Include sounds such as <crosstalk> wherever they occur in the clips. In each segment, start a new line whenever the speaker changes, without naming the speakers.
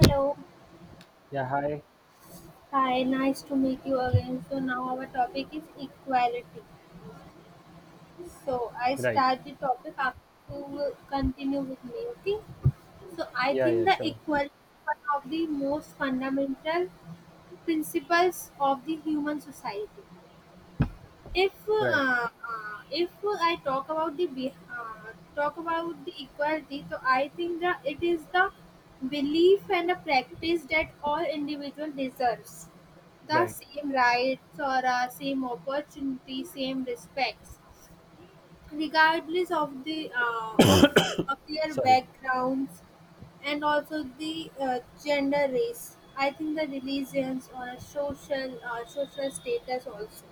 Hello,
Yeah, hi.
hi, nice to meet you again. So now our topic is equality. So I
Right.
start the topic after you will continue with me, okay? So I
Yeah, yeah,
think the
sure.
equality is one of the most fundamental principles of the human society. if uh,
Right,
uh, if I talk about the talk about the equality, so I think that it is the belief and the practice that all individual deserves the
right.
same rights or same opportunity, same respects, regardless of their
Sorry.
backgrounds and also the gender, race. I think the religions or a social social status also.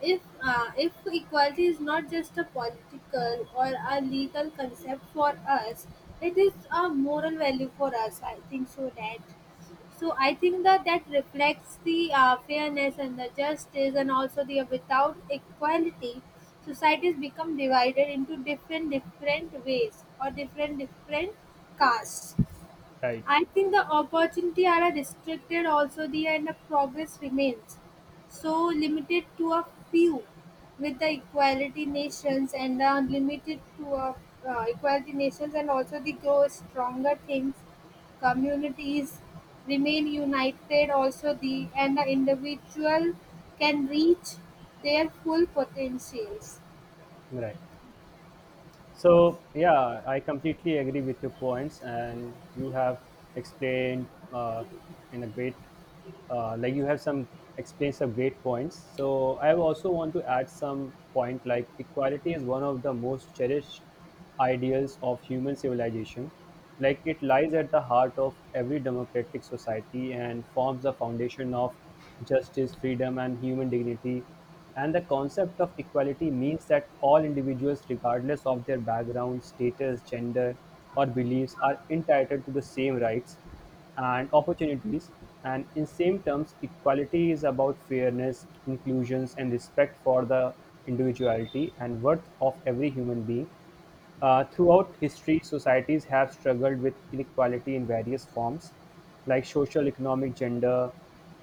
If equality is not just a political or a legal concept for us, it is a moral value for us. I think so that. So I think that that reflects the fairness and the justice, and also the without equality, societies become divided into different ways or different castes.
Right,
I think the opportunity are restricted also the and the progress remains so limited to a few with the equality nations, and the limited to a equality nations, and also the grow stronger things communities remain united also the and the individual can reach their full potentials.
right. So, yeah, I completely agree with your points, and you have explained in a great, like you have some explained some great points. So, I also want to add some point like equality is one of the most cherished ideals of human civilization. Like it lies at the heart of every democratic society and forms the foundation of justice, freedom, and human dignity. And the concept of equality means that all individuals, regardless of their background, status, gender, or beliefs, are entitled to the same rights and opportunities. And in same terms, equality is about fairness, inclusions, and respect for the individuality and worth of every human being. Throughout history, societies have struggled with inequality in various forms, like social, economic, gender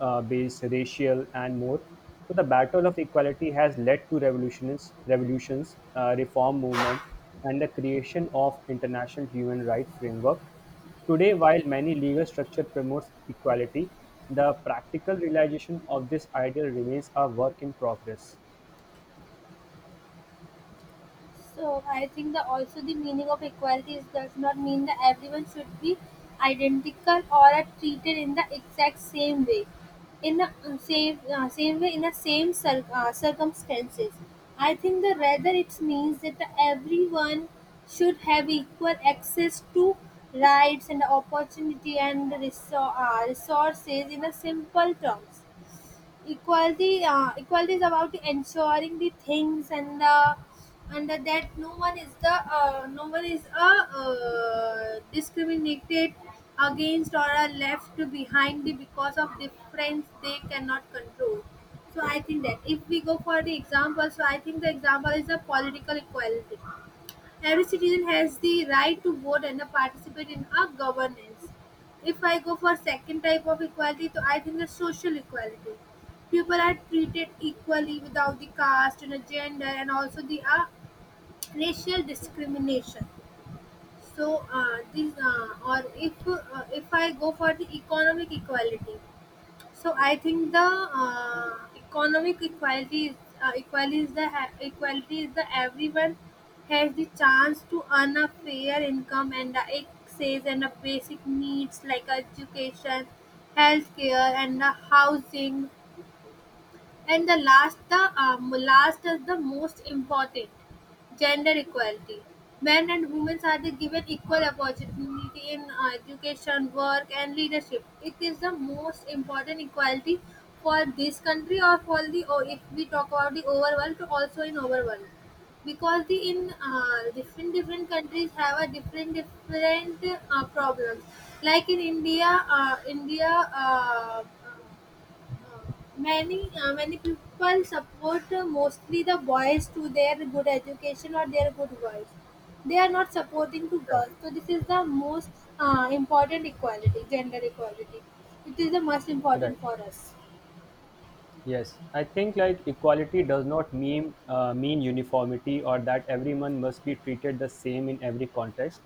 based, racial, and more. So, the battle of equality has led to revolutions, reform movement, and the creation of international human rights framework. Today, while many legal structure promotes equality, the practical realization of this ideal remains a work in progress.
So I think that also the meaning of equality is, does not mean that everyone should be identical or are treated in the exact same way, in the same way in the same circumstances. I think that rather it means that the everyone should have equal access to rights and opportunity and resources. In a simple terms, equality is about ensuring the things and that no one is the no one is discriminated against or are left behind because of difference they cannot control. So I think that if we go for the example, so I think the example is the political equality. Every citizen has the right to vote and participate in our governance. If I go for second type of equality, so I think the social equality. People are treated equally without the caste and a gender and also the racial discrimination. So this or if I go for the economic equality, so I think the economic equality is equality is the everyone has the chance to earn a fair income and the access and the basic needs like education, healthcare, and the housing, and the last is the most important, gender equality. Men and women are the given equal opportunity in education, work, and leadership. It is the most important equality for this country or for the or if we talk about the overall to also in overall, because the in different different countries have a different different problems, like in india india many many people support mostly the boys to their good education or their good works. They are not supporting to
Right,
girls. So this is the most important equality, gender equality. It is the most
right.
important for us.
Yes, I think like equality does not mean uniformity or that everyone must be treated the same in every context.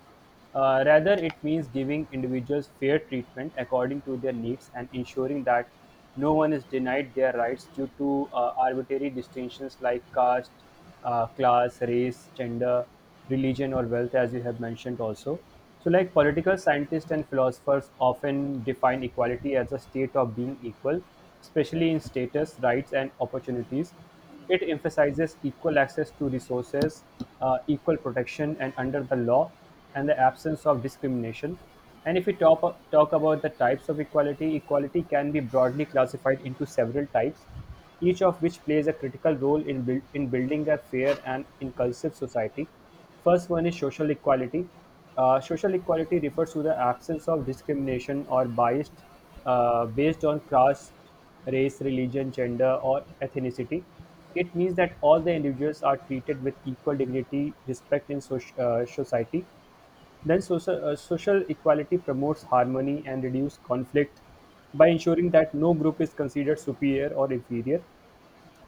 Rather, it means giving individuals fair treatment according to their needs and ensuring that no one is denied their rights due to arbitrary distinctions like caste, class, race, gender, religion, or wealth, as you have mentioned also. So, like political scientists and philosophers often define equality as a state of being equal, especially in status, rights, and opportunities. It emphasizes equal access to resources, equal protection, and under the law, and the absence of discrimination. And if we talk about the types of equality, equality can be broadly classified into several types, each of which plays a critical role in building a fair and inclusive society. First one is social equality. Social equality refers to the absence of discrimination or bias based on caste, race, religion, gender, or ethnicity. It means that all the individuals are treated with equal dignity, respect in society. Then, social equality promotes harmony and reduces conflict by ensuring that no group is considered superior or inferior.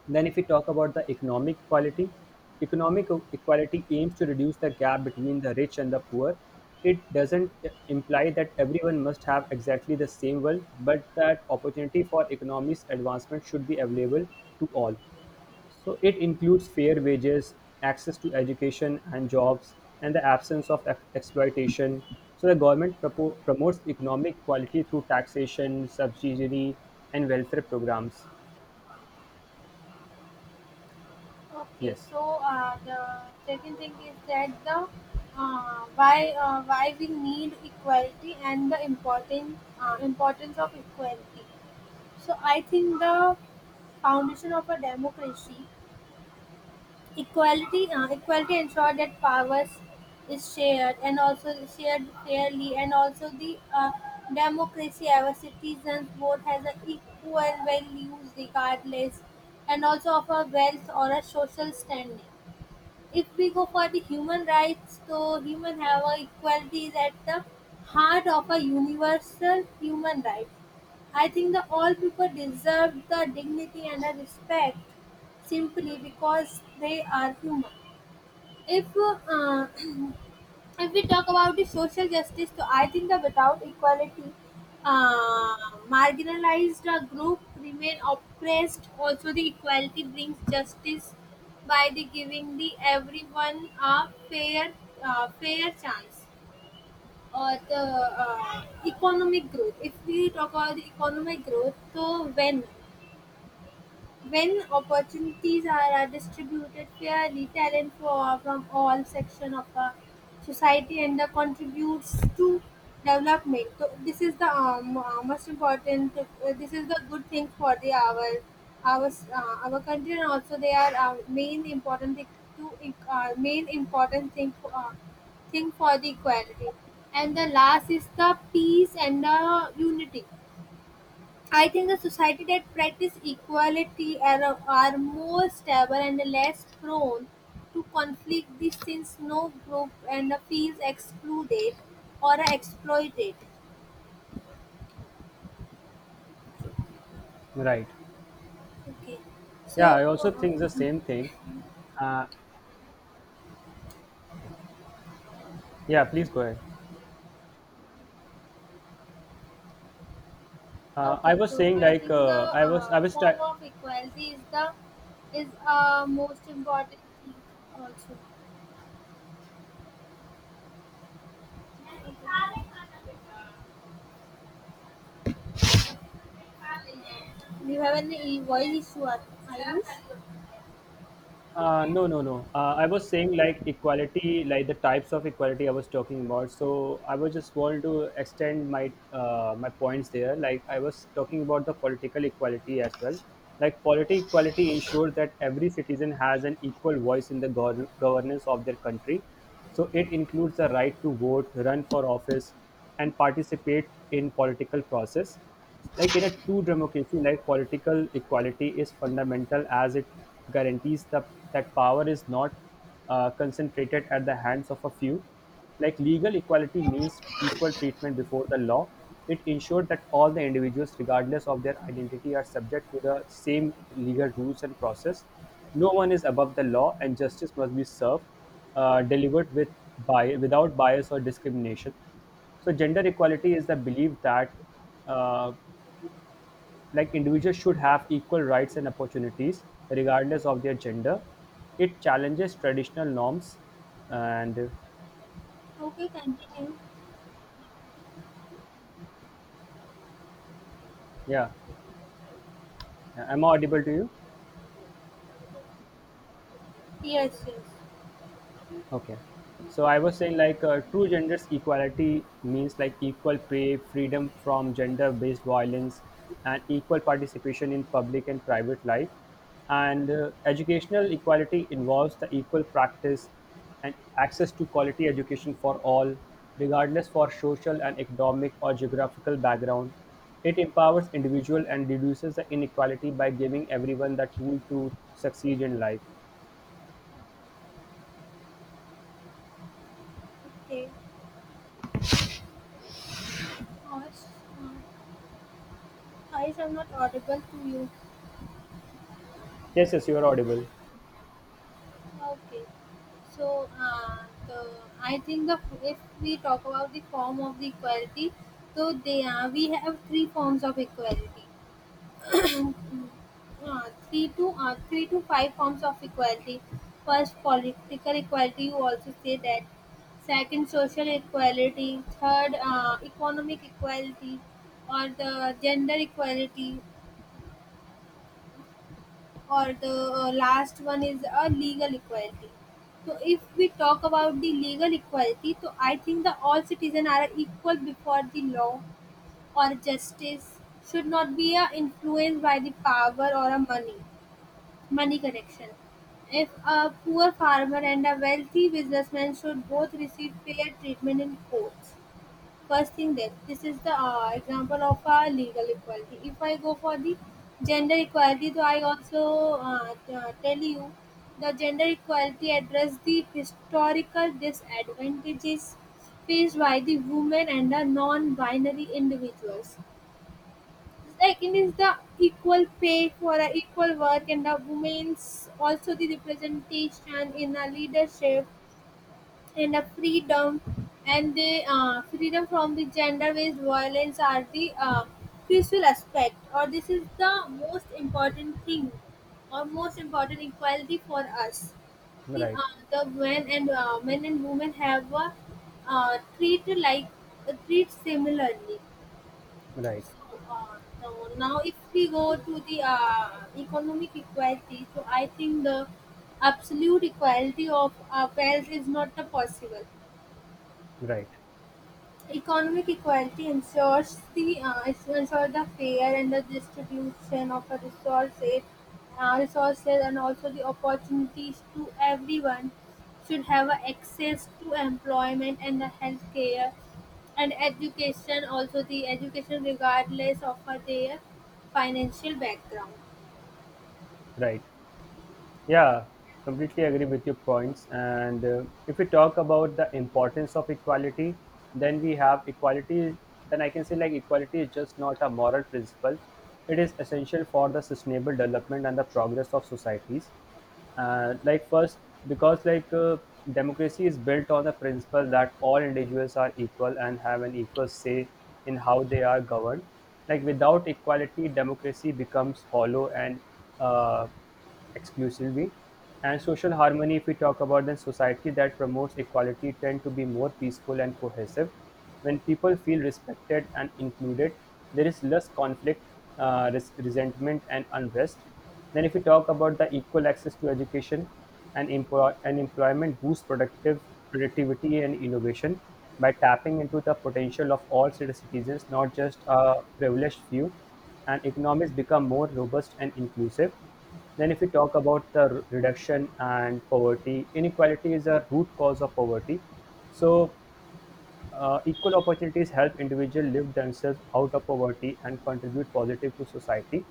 Then, if we talk about the economic equality aims to reduce the gap between the rich and the poor. It doesn't imply that everyone must have exactly the same wealth, but that opportunity for economics advancement should be available to all. So, it includes fair wages, access to education and jobs, and the absence of exploitation. So, the government promotes economic equality through taxation, subsidy, and welfare programs.
Okay,
Yes,
so the second thing is that the why we need equality and the important importance of equality. So I think the foundation of a democracy. Equality ensured that powers is shared and also shared fairly, and also the democracy our citizens vote has an equal values regardless, and also of a wealth or a social standing. If we go for the human rights, so human have a equality is at the heart of a universal human right. I think the all people deserve the dignity and the respect simply because they are human. If <clears throat> if we talk about the social justice, so I think that without equality, marginalized group remain oppressed. Also, the equality brings justice by the giving the everyone a fair fair chance or the economic growth. If we talk about the economic growth, so when opportunities are distributed fairly, talent for, from all sections of the society and contributes to development. So this is the most important. This is the good thing for the our our country, and also they are main important thing to main important thing for the equality. And the last is the peace and the unity. I think the society that practice equality are more stable and less prone to conflict, this since no group and feels excluded or exploited.
right.
Okay.
Yeah, I
So
also
uh,
think the same thing. Uh, yeah, please go ahead. I
okay,
was
so
saying
I
like
think the
I was I was try.
form of equality is the is most important thing also. Do you have any voice issue? Are you?
No, no, no. I was saying like equality, like the types of equality I was talking about. So I was just want to extend my my points there. Like I was talking about the political equality as well. Like political equality ensures that every citizen has an equal voice in the governance of their country. So it includes the right to vote, run for office, and participate in political process, like in a true democracy. Like political equality is fundamental as it guarantees that power is not concentrated at the hands of a few. Like legal equality means equal treatment before the law. It ensured that all the individuals, regardless of their identity, are subject to the same legal rules and process. No one is above the law and justice must be served delivered with, by, without bias or discrimination. So gender equality is the belief that uh, like individuals should have equal rights and opportunities regardless of their gender. It challenges traditional norms and
Okay, continue.
yeah. Am I audible to you?
Yes, yes.
Okay. So I was saying like true gender equality means like equal pay, freedom from gender-based violence, and equal participation in public and private life. And educational equality involves the equal practice and access to quality education for all, regardless for social and economic or geographical background. It empowers individual and reduces the inequality by giving everyone the tool to succeed in life.
Okay. Uh, I'm not audible to you.
Yes, yes, you are audible.
Okay. So, the, I think the if we talk about the form of the equality, so they are we have three forms of equality. Three to five forms of equality. First, political equality. You also say that. Second, social equality. Third, economic equality, or the gender equality, or the last one is a legal equality. So if we talk about the legal equality, so I think the all citizens are equal before the law, or justice should not be influenced by the power or a money connection. If a poor farmer and a wealthy businessman should both receive fair treatment in courts. First thing that this is the example of legal equality. If I go for the gender equality, so I also tell you the gender equality address the historical disadvantages faced by the women and the non-binary individuals. Like it is the equal pay for a equal work and the women's also the representation in the leadership and a freedom, and the freedom from the gender-based violence are the crucial aspect, or this is the most important thing or most important equality for us. the,
Right.
uh, the men and uh, men and women have treated like treat similarly.
Right,
So, so now if we go to the economic equality, so I think the absolute equality of wealth is not the possible.
right,
Economic equality ensures the ensure the fair and the distribution of a resources, resources, and also the opportunities to everyone should have a access to employment and the healthcare and education. Also, the education regardless of their financial background.
right. Yeah, completely agree with your points. And if we talk about the importance of equality, then we have equality. Then I can say like equality is just not a moral principle. It is essential for the sustainable development and the progress of societies. Like first, because democracy is built on the principle that all individuals are equal and have an equal say in how they are governed. Like without equality, democracy becomes hollow and uh, exclusively. And social harmony, if we talk about, then society that promotes equality tend to be more peaceful and cohesive. When people feel respected and included, there is less conflict, resentment, and unrest. Then, if we talk about the equal access to education and, and employment, boosts productive productivity and innovation by tapping into the potential of all citizens, not just a privileged few. And economies become more robust and inclusive. Then if we talk about the reduction and poverty, inequality is a root cause of poverty. So equal opportunities help individuals lift themselves out of poverty and contribute positive to society.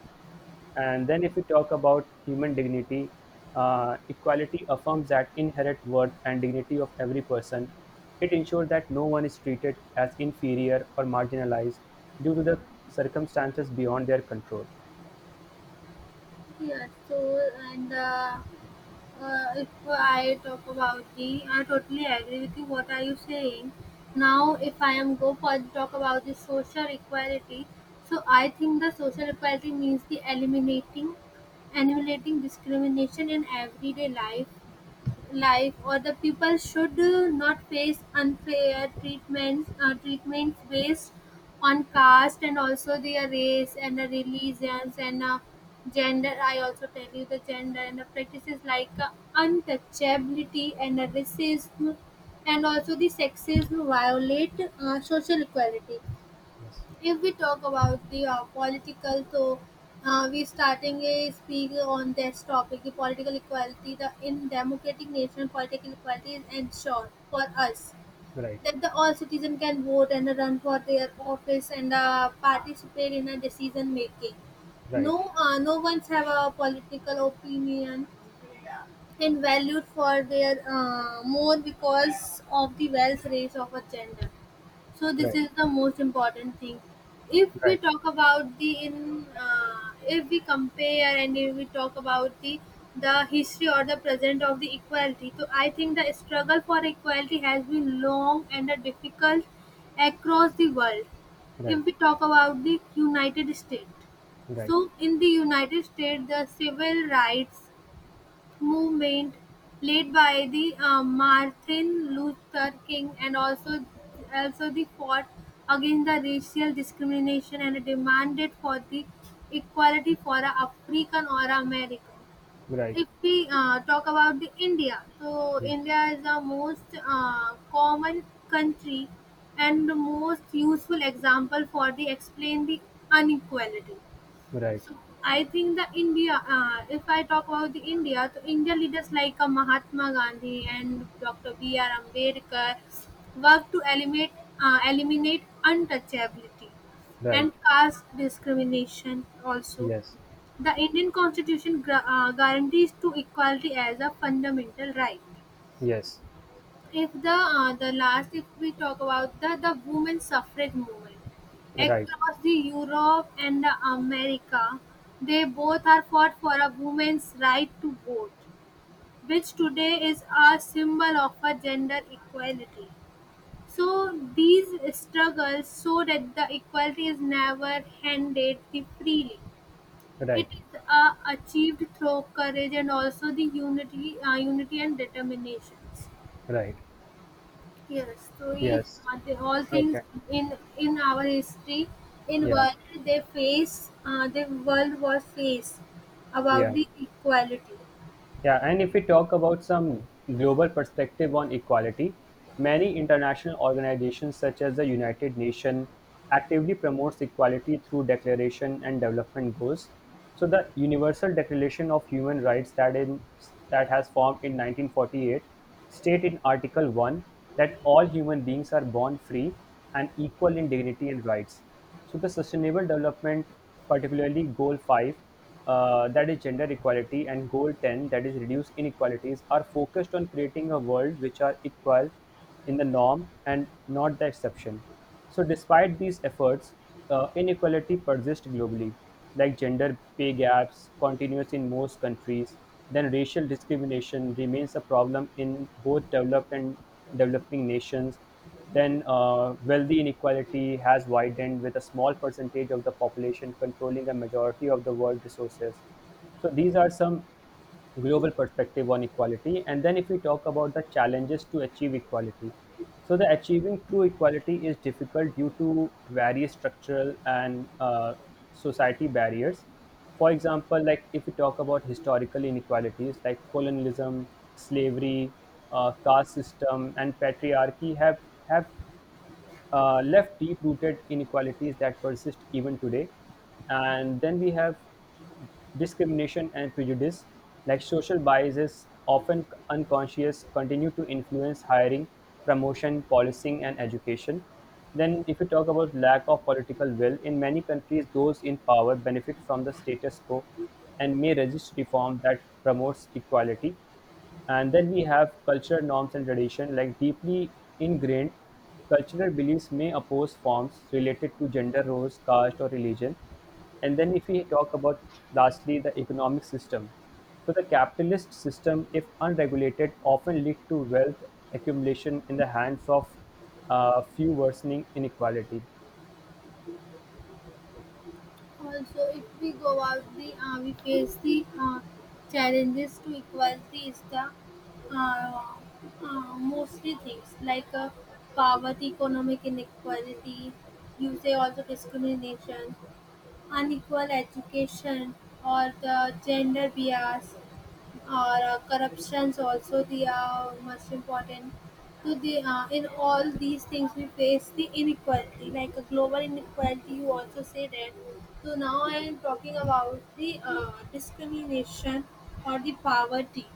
And then if we talk about human dignity, equality affirms that inherent worth and dignity of every person. It ensures that no one is treated as inferior or marginalized due to the circumstances beyond their control.
Yeah. So and. If I talk about the, I totally agree with you. What are you saying? Now, if I am go for talk about the social equality, so I think the social equality means the eliminating, eliminating discrimination in everyday life or the people should not face unfair treatments based on caste, and also their race and the religions, and gender. I also tell you the gender and the practices like untouchability and the racism, and also the sexism violate social equality.
Yes,
If we talk about the political, so we starting a speak on this topic, the political equality. The in democratic nation, political equality is ensured for us,
right,
that the all citizen can vote and run for their office, and participate in a decision making.
right,
No, no one's have a political opinion and valued for their more because of the wealth race of a gender. So this
right.
is the most important thing. if we
Right,
talk about the in uh, if we compare and if we talk about the history or the present of the equality, so I think the struggle for equality has been long and a difficult across the world.
right,
If we talk about the united states,
right,
so in the united states, the civil rights movement led by the Martin Luther King, and also also the fought against the racial discrimination and demanded for the equality for a African or a American.
right,
If we talk about the India, so
yes,
India is the most common country and the most useful example for the explain the inequality.
right,
I think the India, if I talk about the India, so India leaders like Mahatma Gandhi and Dr. B.R. Ambedkar work to eliminate, eliminate untouchability
right,
and caste discrimination also.
yes,
The Indian constitution guarantees to equality as a fundamental right.
yes,
If the the last, if we talk about the women suffrage movement
right,
across the Europe and the America, they both are fought for a woman's right to vote, which today is a symbol of a gender equality. So these struggles show that the equality is never handed the freely. It
right,
is achieved through courage and also the unity and determinations.
right,
Yes, to each
yes,
other, all things
okay,
in our history, in
yeah,
world they face, the world was faced about
yeah.
the equality.
Yeah, and if we talk about some global perspective on equality, many international organizations such as the United Nations actively promotes equality through declaration and development goals. So the Universal Declaration of Human Rights, that in that has formed in 1948, state in Article 1 that all human beings are born free and equal in dignity and rights. So the sustainable development, particularly goal five, that is gender equality, and goal ten, that is reduce inequalities, are focused on creating a world which are equal in the norm and not the exception. So despite these efforts, inequality persists globally, like gender pay gaps continues in most countries. Then racial discrimination remains a problem in both developed and developing nations. Then, wealthy inequality has widened with a small percentage of the population controlling a majority of the world resources. So, these are some global perspective on equality. And then if we talk about the challenges to achieve equality, so the achieving true equality is difficult due to various structural and society barriers. For example, like if we talk about historical inequalities like colonialism, slavery, caste system, and patriarchy have left deep rooted inequalities that persist even today. And then we have discrimination and prejudice, like social biases, often unconscious, continue to influence hiring, promotion, policing, and education. Then, if you talk about lack of political will, in many countries, those in power benefit from the status quo and may resist reform that promotes equality. And then we have cultural norms and tradition, like deeply ingrained cultural beliefs may oppose forms related to gender roles, caste, or religion. And then, if we talk about lastly the economic system, so the capitalist system, if unregulated, often lead to wealth accumulation in the hands of few, worsening inequality.
Also, if we go out, the we face the challenges to equality is the uh, mostly things like poverty, economic inequality, you say also discrimination, unequal education, or the gender bias or corruptions also they are much important so the in all these things we face the inequality like a global inequality you also say that. So now I am talking about the discrimination or the poverty.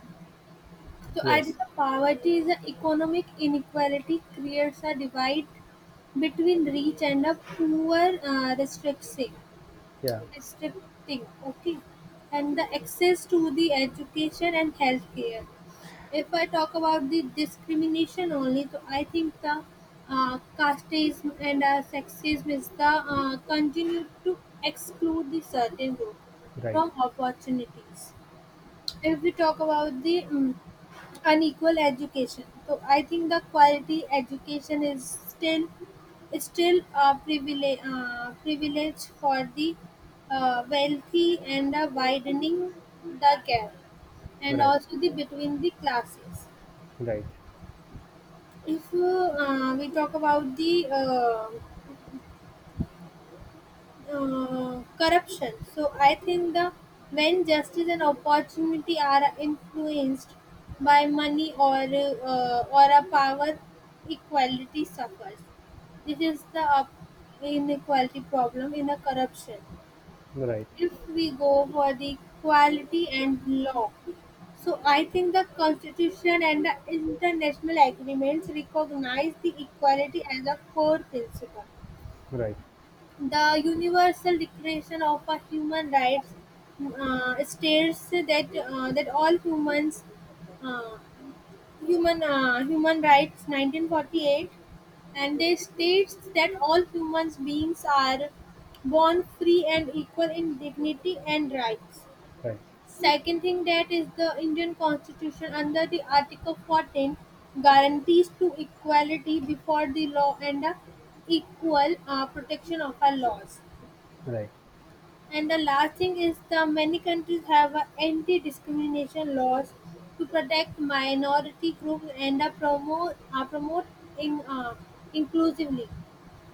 So I think
Yes.
the poverty is an economic inequality creates a divide between rich and the poor, uh, restricting
Yeah.
restricting okay, and the access to the education and healthcare. If I talk about the discrimination only, so I think the casteism and sexism is the continue to exclude the certain group
Right.
from opportunities. If we talk about the unequal education, so I think the quality education is still a privilege, privilege for the wealthy, and widening the gap and
Right.
also the between the classes.
Right.
If we talk about the corruption. So I think the when justice and opportunity are influenced by money or a power, equality suffers. This is the inequality problem in the corruption.
Right.
If we go for the equality and law, so I think the constitution and the international agreements recognize the equality as a core principle.
Right.
The Universal Declaration of a Human Rights states that that all humans uh, human rights 1948, and they states that all humans beings are born free and equal in dignity and rights.
Right.
Second thing, that is the Indian constitution under the Article 14, guarantees to equality before the law and the equal protection of our laws.
Right.
And the last thing is the many countries have a anti-discrimination laws to protect minority groups and promote in, uh, inclusively.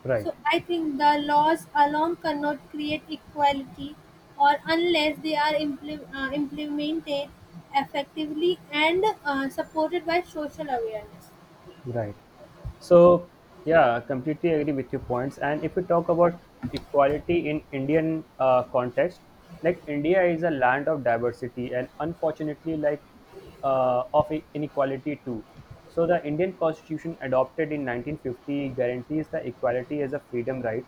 Right.
So I think the laws alone cannot create equality, or unless they are implemented effectively and supported by social awareness.
Right. So, yeah, completely agree with your points. And if we talk about equality in Indian context, like India is a land of diversity and unfortunately, like of inequality too. So, the Indian Constitution adopted in 1950 guarantees the equality as a freedom right,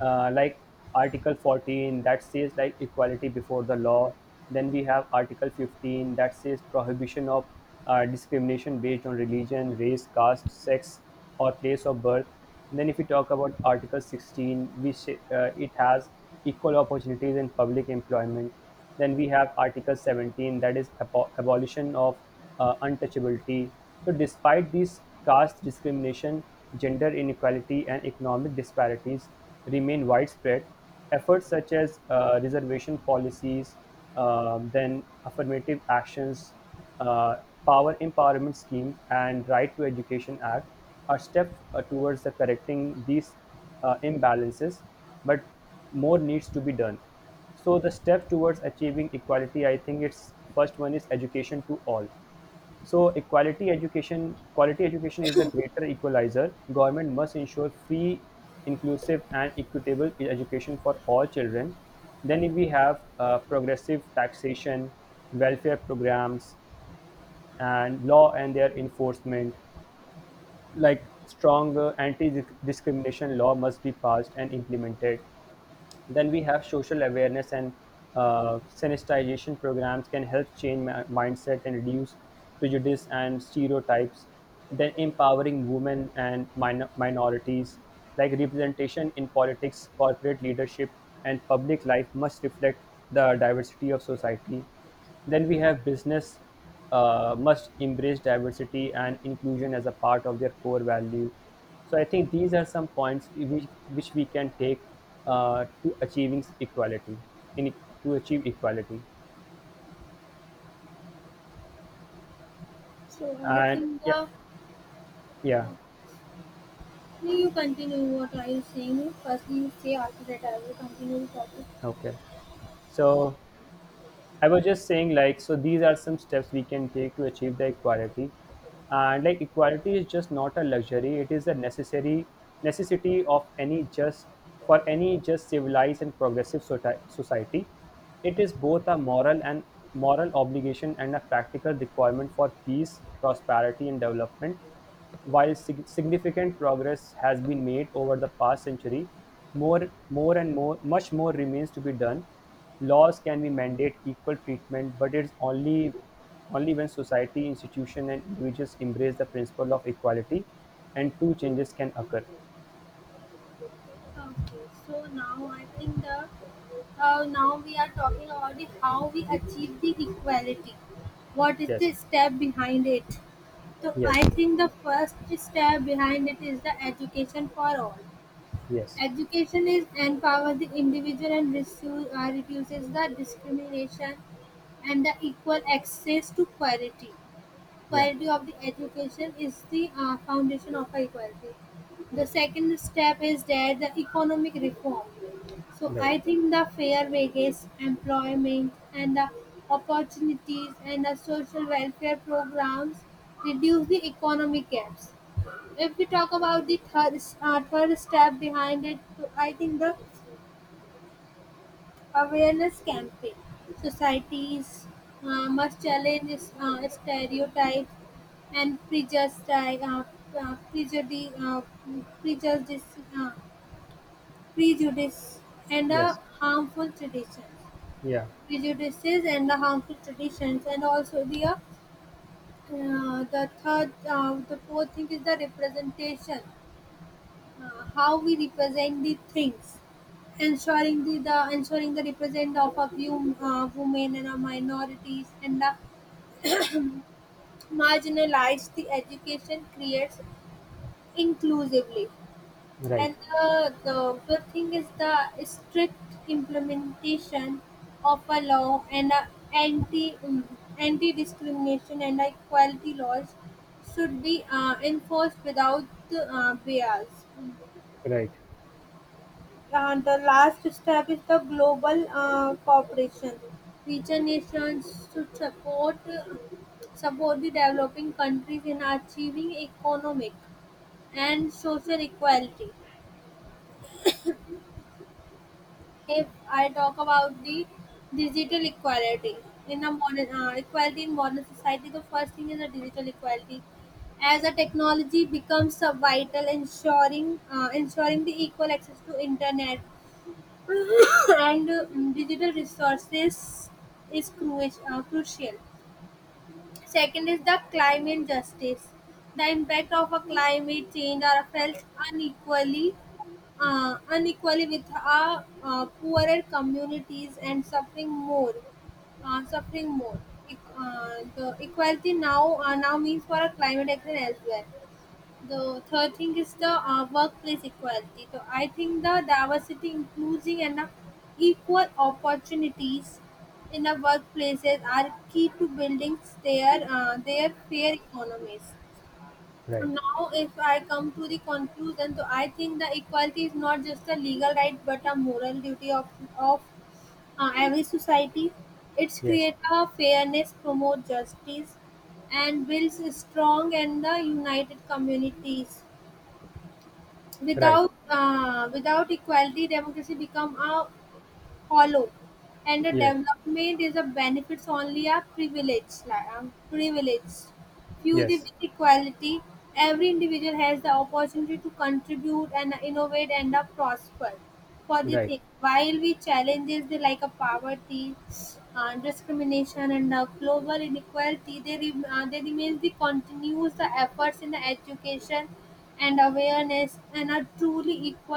like Article 14 that says like equality before the law. Then we have Article 15 that says prohibition of discrimination based on religion, race, caste, sex, or place of birth. And then, if we talk about Article 16, which it has equal opportunities in public employment. Then we have Article 17, that is abolition of untouchability. So, despite these, caste discrimination, gender inequality, and economic disparities remain widespread. Efforts such as reservation policies, then affirmative actions, uh, power empowerment schemes, and right to education act a step towards the correcting these imbalances, but more needs to be done. So the step towards achieving equality, I think it's first one is education to all. So quality education is a greater equalizer. Government must ensure free, inclusive, and equitable education for all children. Then we have progressive taxation, welfare programs, and law and their enforcement, like strong anti discrimination law must be passed and implemented. Then we have social awareness and sanitization programs can help change mindset and reduce prejudice and stereotypes. Then empowering women and minorities, like representation in politics, corporate leadership, and public life must reflect the diversity of society. Then we have business must embrace diversity and inclusion as a part of their core value. So I think these are some points which we can take to achieving equality, in, to achieve equality.
So I
And
think the
yeah, yeah,
you continue what are you saying? Firstly, you say after that I will continue the topic.
okay. So I was just saying, like, so these are some steps we can take to achieve the equality. And like, equality is just not a luxury; it is a necessary necessity of any just, for any just civilized and progressive society. It is both a moral obligation and a practical requirement for peace, prosperity, and development. While significant progress has been made over the past century, much more remains to be done. Laws can be mandate equal treatment, but it's only when society, institution, and individuals embrace the principle of equality, and true changes can occur.
Okay, so now I think the now we are talking about the how we achieve the equality. What is the
Yes,
step behind it? So I
yes,
think the first step behind it is the education for all.
yes,
Education is empower the individual and reduces the discrimination and the equal access to quality.
yeah,
Quality of the education is the foundation of equality. The second step is there the economic reform. So
right,
I think the fair wages, employment, and the opportunities and the social welfare programs reduce the economic gaps. If we talk about the third step behind it, so I think the awareness campaign. Societies must challenge stereotypes and uh, prejudice, uh, prejudice, uh, prejudice and
yes,
harmful traditions,
yeah,
prejudices and the harmful traditions, and also the fourth thing is the representation, how we represent the things, ensuring the ensuring the represent of a few women and our minorities and the marginalized. The education creates inclusively,
right,
and the thing is the strict implementation of a law and a anti anti discrimination and equality laws should be enforced without bias.
right,
And the last step is the global cooperation. Richer nations should support the developing countries in achieving economic and social equality. If I talk about the digital equality in a modern equality in modern society, the first thing is the digital equality. As a technology becomes vital, ensuring the equal access to internet, <laughs> <coughs> and digital resources is crucial. Second is the climate justice. The impact of a climate change are felt unequally, unequally with our poorer communities and suffering more. The equality now means for a climate action as well. The third thing is the workplace equality. So I think the diversity, inclusion, and equal opportunities in the workplaces are key to building their fair economies.
right,
Now, if I come to the conclusion, so I think the equality is not just a legal right but a moral duty of every society. It's
yes,
create a fairness, promote justice, and builds a strong and the united communities.
right,
Without without equality, democracy become a hollow, and the
yes,
development is a benefits only a privilege, like, privileged few the
yes,
with equality. Every individual has the opportunity to contribute and innovate and prosper for the
right.
thing. While we challenges the like a poverty, discrimination, and global inequality, they they remain the continues the efforts in the education and awareness and are truly equal.